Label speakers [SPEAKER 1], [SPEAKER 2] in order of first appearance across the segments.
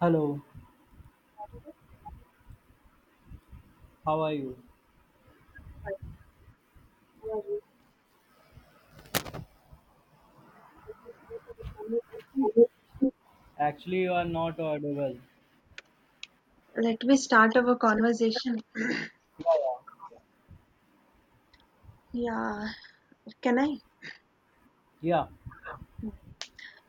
[SPEAKER 1] Hello, how are you? Actually, you are not audible.
[SPEAKER 2] Let me start our conversation.
[SPEAKER 1] Yeah.
[SPEAKER 2] Yeah, can I?
[SPEAKER 1] Yeah,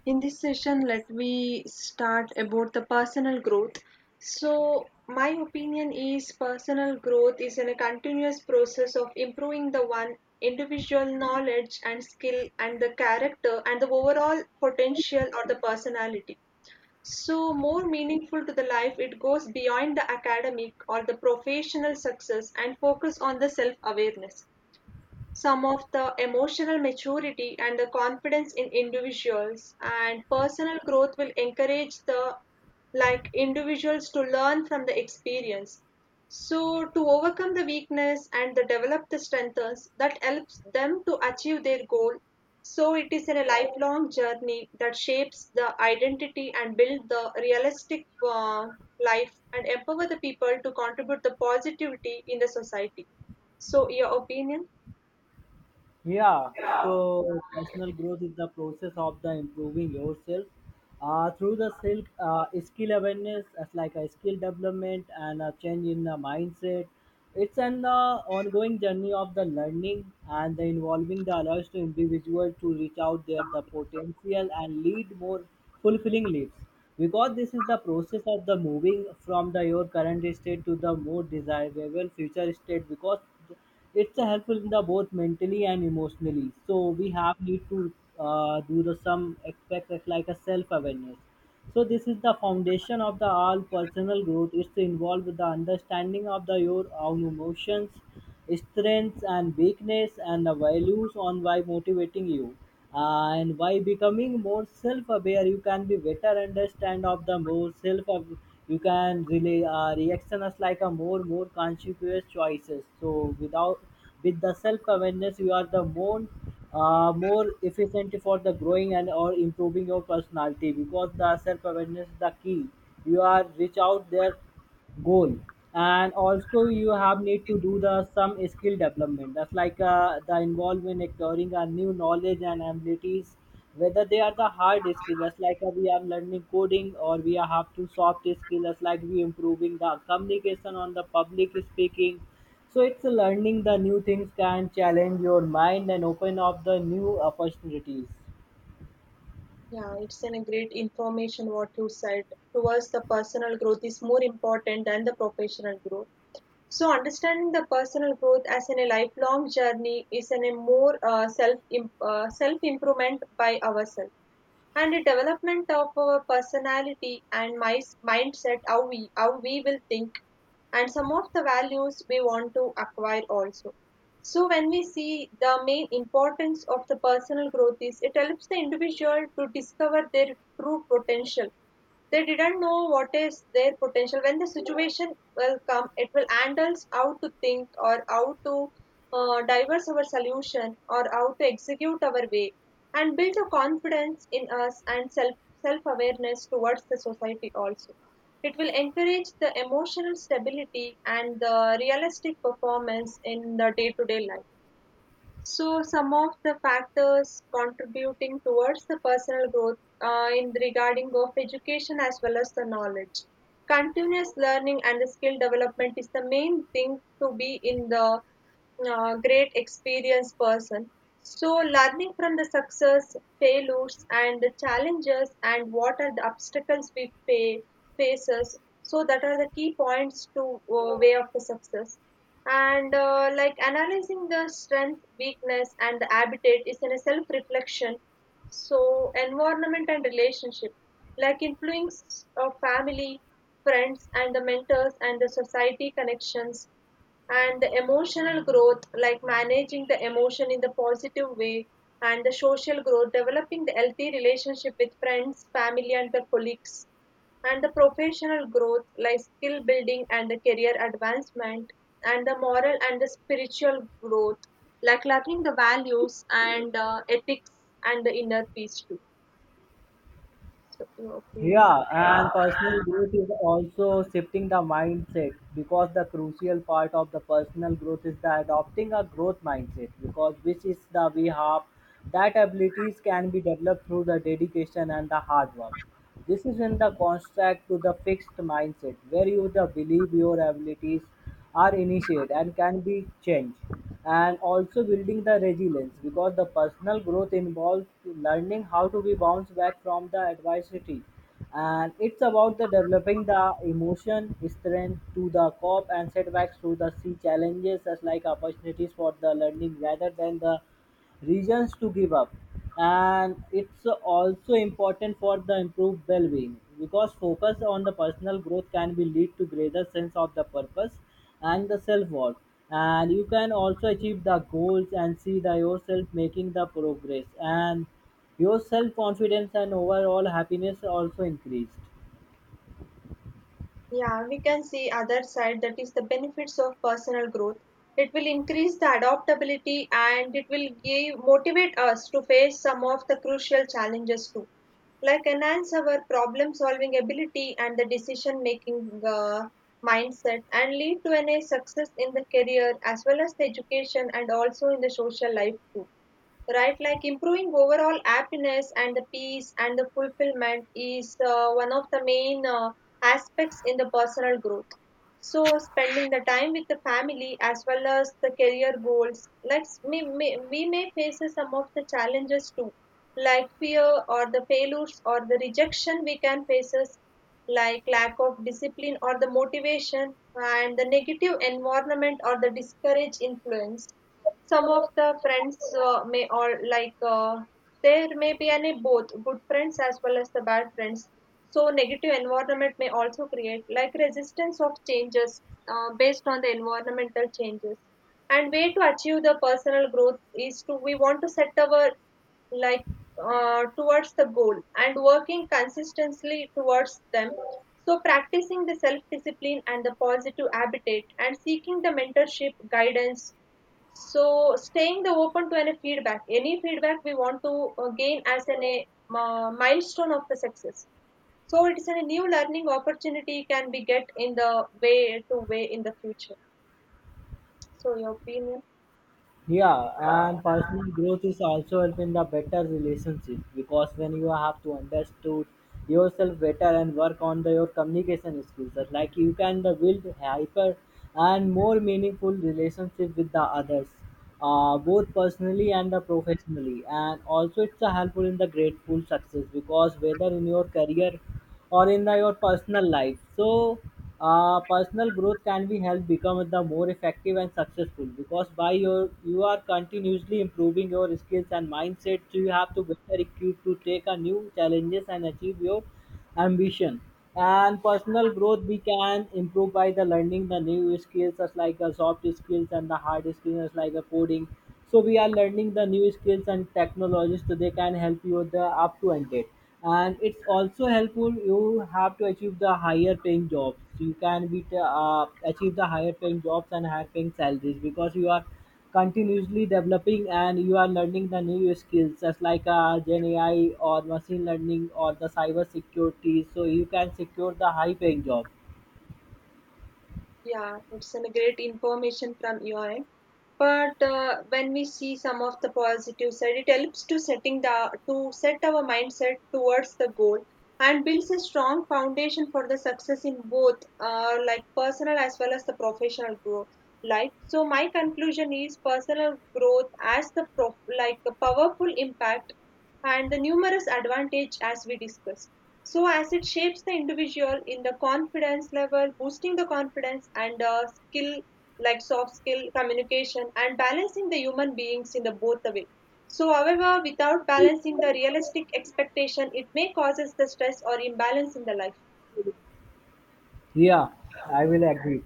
[SPEAKER 2] In this session, let me start about the personal growth. So, my opinion is personal growth is in a continuous process of improving the one individual knowledge and skill and the character and the overall potential or the personality. So more meaningful to the life, it goes beyond the academic or the professional success and focus on the self-awareness, some of the emotional maturity and the confidence in individuals, and personal growth will encourage the like individuals to learn from the experience, so to overcome the weakness and the develop the strengths that helps them to achieve their goal. So it is a lifelong journey that shapes the identity and build the realistic life and empower the people to contribute the positivity in the society. So your opinion?
[SPEAKER 1] Yeah, so personal growth is the process of the improving yourself through the skill, skill awareness, as like a skill development and a change in the mindset. It's an ongoing journey of the learning and the involving the allows to individual to reach out their the potential and lead more fulfilling lives. Because this is the process of the moving from the your current state to the more desirable future state. Because it's a helpful in the both mentally and emotionally. So we have need to do the some aspect of like a self awareness. So this is the foundation of the all personal growth. It's involved with the understanding of the your own emotions, strengths and weakness, and the values on why motivating you, and by becoming more self-aware you can be better understand of the more self. You can relay reaction as like a more conscious choices, so without with the self-awareness you are the more more efficient for the growing and or improving your personality, because the self-awareness is the key you are reach out there goal. And also you have need to do the some skill development, that's like the involvement in acquiring a new knowledge and abilities, whether they are the hard skills, that's like we are learning coding, or we are have to soft skills, that's like we improving the communication on the public speaking. So it's a learning the new things can challenge your mind and open up the new opportunities.
[SPEAKER 2] Yeah, it's an a great information what you said towards the personal growth is more important than the professional growth. So understanding the personal growth as in a lifelong journey is in a more self improvement by ourselves and the development of our personality and mindset, how we will think, and some of the values we want to acquire also. So when we see the main importance of the personal growth is it helps the individual to discover their true potential. They didn't know what is their potential. When the situation will come, it will handles how to think or how to diverse our solution or how to execute our way and build a confidence in us and self awareness towards the society also. It will encourage the emotional stability and the realistic performance in the day to day life. So, some of the factors contributing towards the personal growth, in regarding of education as well as the knowledge. Continuous learning and the skill development is the main thing to be in the great experienced person. So, learning from the success, failures, and the challenges, and what are the obstacles faces. So, that are the key points to way of the success, and like analyzing the strength weakness and the habitat is in a self reflection. So environment and relationship, like influence of family, friends and the mentors and the society connections, and the emotional growth like managing the emotion in the positive way, and the social growth developing the healthy relationship with friends, family, and the colleagues, and the professional growth, like skill building and the career advancement, and the moral and the spiritual growth, like learning the values and ethics and the inner peace too. So, your opinion?
[SPEAKER 1] Yeah, and personal growth is also shifting the mindset, because the crucial part of the personal growth is the adopting a growth mindset, because which is the we have that abilities can be developed through the dedication and the hard work. This is in the contrast to the fixed mindset where you the believe your abilities are initiated and can be changed, and also building the resilience because the personal growth involves learning how to be bounced back from the adversity, and it's about the developing the emotion strength to the cope and setbacks to the see challenges as like opportunities for the learning rather than the reasons to give up. And it's also important for the improved well-being, because focus on the personal growth can be lead to greater sense of the purpose and the self-worth, and you can also achieve the goals and see the yourself making the progress, and your self-confidence and overall happiness also increased.
[SPEAKER 2] Yeah, we can see other side that is the benefits of personal growth. It will increase the adaptability and it will give motivate us to face some of the crucial challenges too, like enhance our problem solving ability and the decision making mindset, and lead to any success in the career as well as the education and also in the social life too, right? Like improving overall happiness and the peace and the fulfillment is one of the main aspects in the personal growth. So spending the time with the family as well as the career goals, like we may face some of the challenges too, like fear or the failures or the rejection we can faces, like lack of discipline or the motivation and the negative environment or the discourage influence. Some of the friends may all like there may be any both good friends as well as the bad friends. So negative environment may also create like resistance of changes based on the environmental changes. And way to achieve the personal growth is to we want to set our like, towards the goal and working consistently towards them, so practicing the self discipline and the positive habitat and seeking the mentorship guidance. So staying the open to any feedback we want to gain as an a milestone of the success. So it is a new learning opportunity can be get in the way to way in the future. So your opinion?
[SPEAKER 1] Yeah, and personal growth is also helping the better relationship, because when you have to understood yourself better and work on the, your communication skills, that like you can the build hyper and more meaningful relationship with the others, both personally and the professionally. And also it's a helpful in the grateful success, because whether in your career or in the, your personal life. So, personal growth can be helped become the more effective and successful, because by your you are continuously improving your skills and mindset. So you have to better equipped to take a new challenges and achieve your ambition. And personal growth we can improve by the learning the new skills as like the soft skills and the hard skills as like the coding. So we are learning the new skills and technologies, so they can help you the up to end date. And it's also helpful you have to achieve the higher paying jobs, you can be achieve the higher paying jobs and higher paying salaries, because you are continuously developing and you are learning the new skills, just like gen AI or machine learning or the cyber security, so you can secure the high paying job.
[SPEAKER 2] Yeah, it's a great information from your end. But when we see some of the positive side, it helps to set our mindset towards the goal and builds a strong foundation for the success in both like personal as well as the professional growth life. So my conclusion is personal growth as like a powerful impact and the numerous advantage as we discussed. So, as it shapes the individual in the confidence level, boosting the confidence and skill like soft skill, communication, and balancing the human beings in the both the way. So, however, without balancing the realistic expectation, it may causes the stress or imbalance in the life.
[SPEAKER 1] Yeah, I will agree.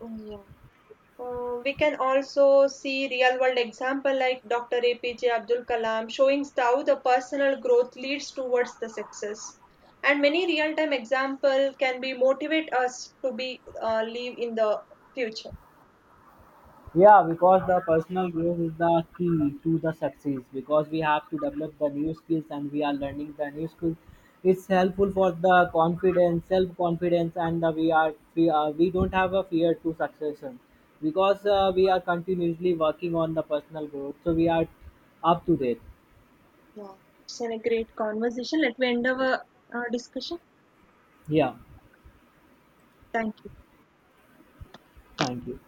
[SPEAKER 2] Yeah. We can also see real world example like Dr. APJ Abdul Kalam showing how the personal growth leads towards the success. And many real time example can be motivate us to be live in the future.
[SPEAKER 1] Yeah, because the personal growth is the key to the success, because we have to develop the new skills and we are learning the new skills. It's helpful for the confidence, self confidence, and the we are we, are, we don't have a fear to succession, because we are continuously working on the personal growth, so we are up to date.
[SPEAKER 2] Yeah, it's been a great conversation. Let me end our discussion.
[SPEAKER 1] Yeah,
[SPEAKER 2] Thank you.
[SPEAKER 1] thank you.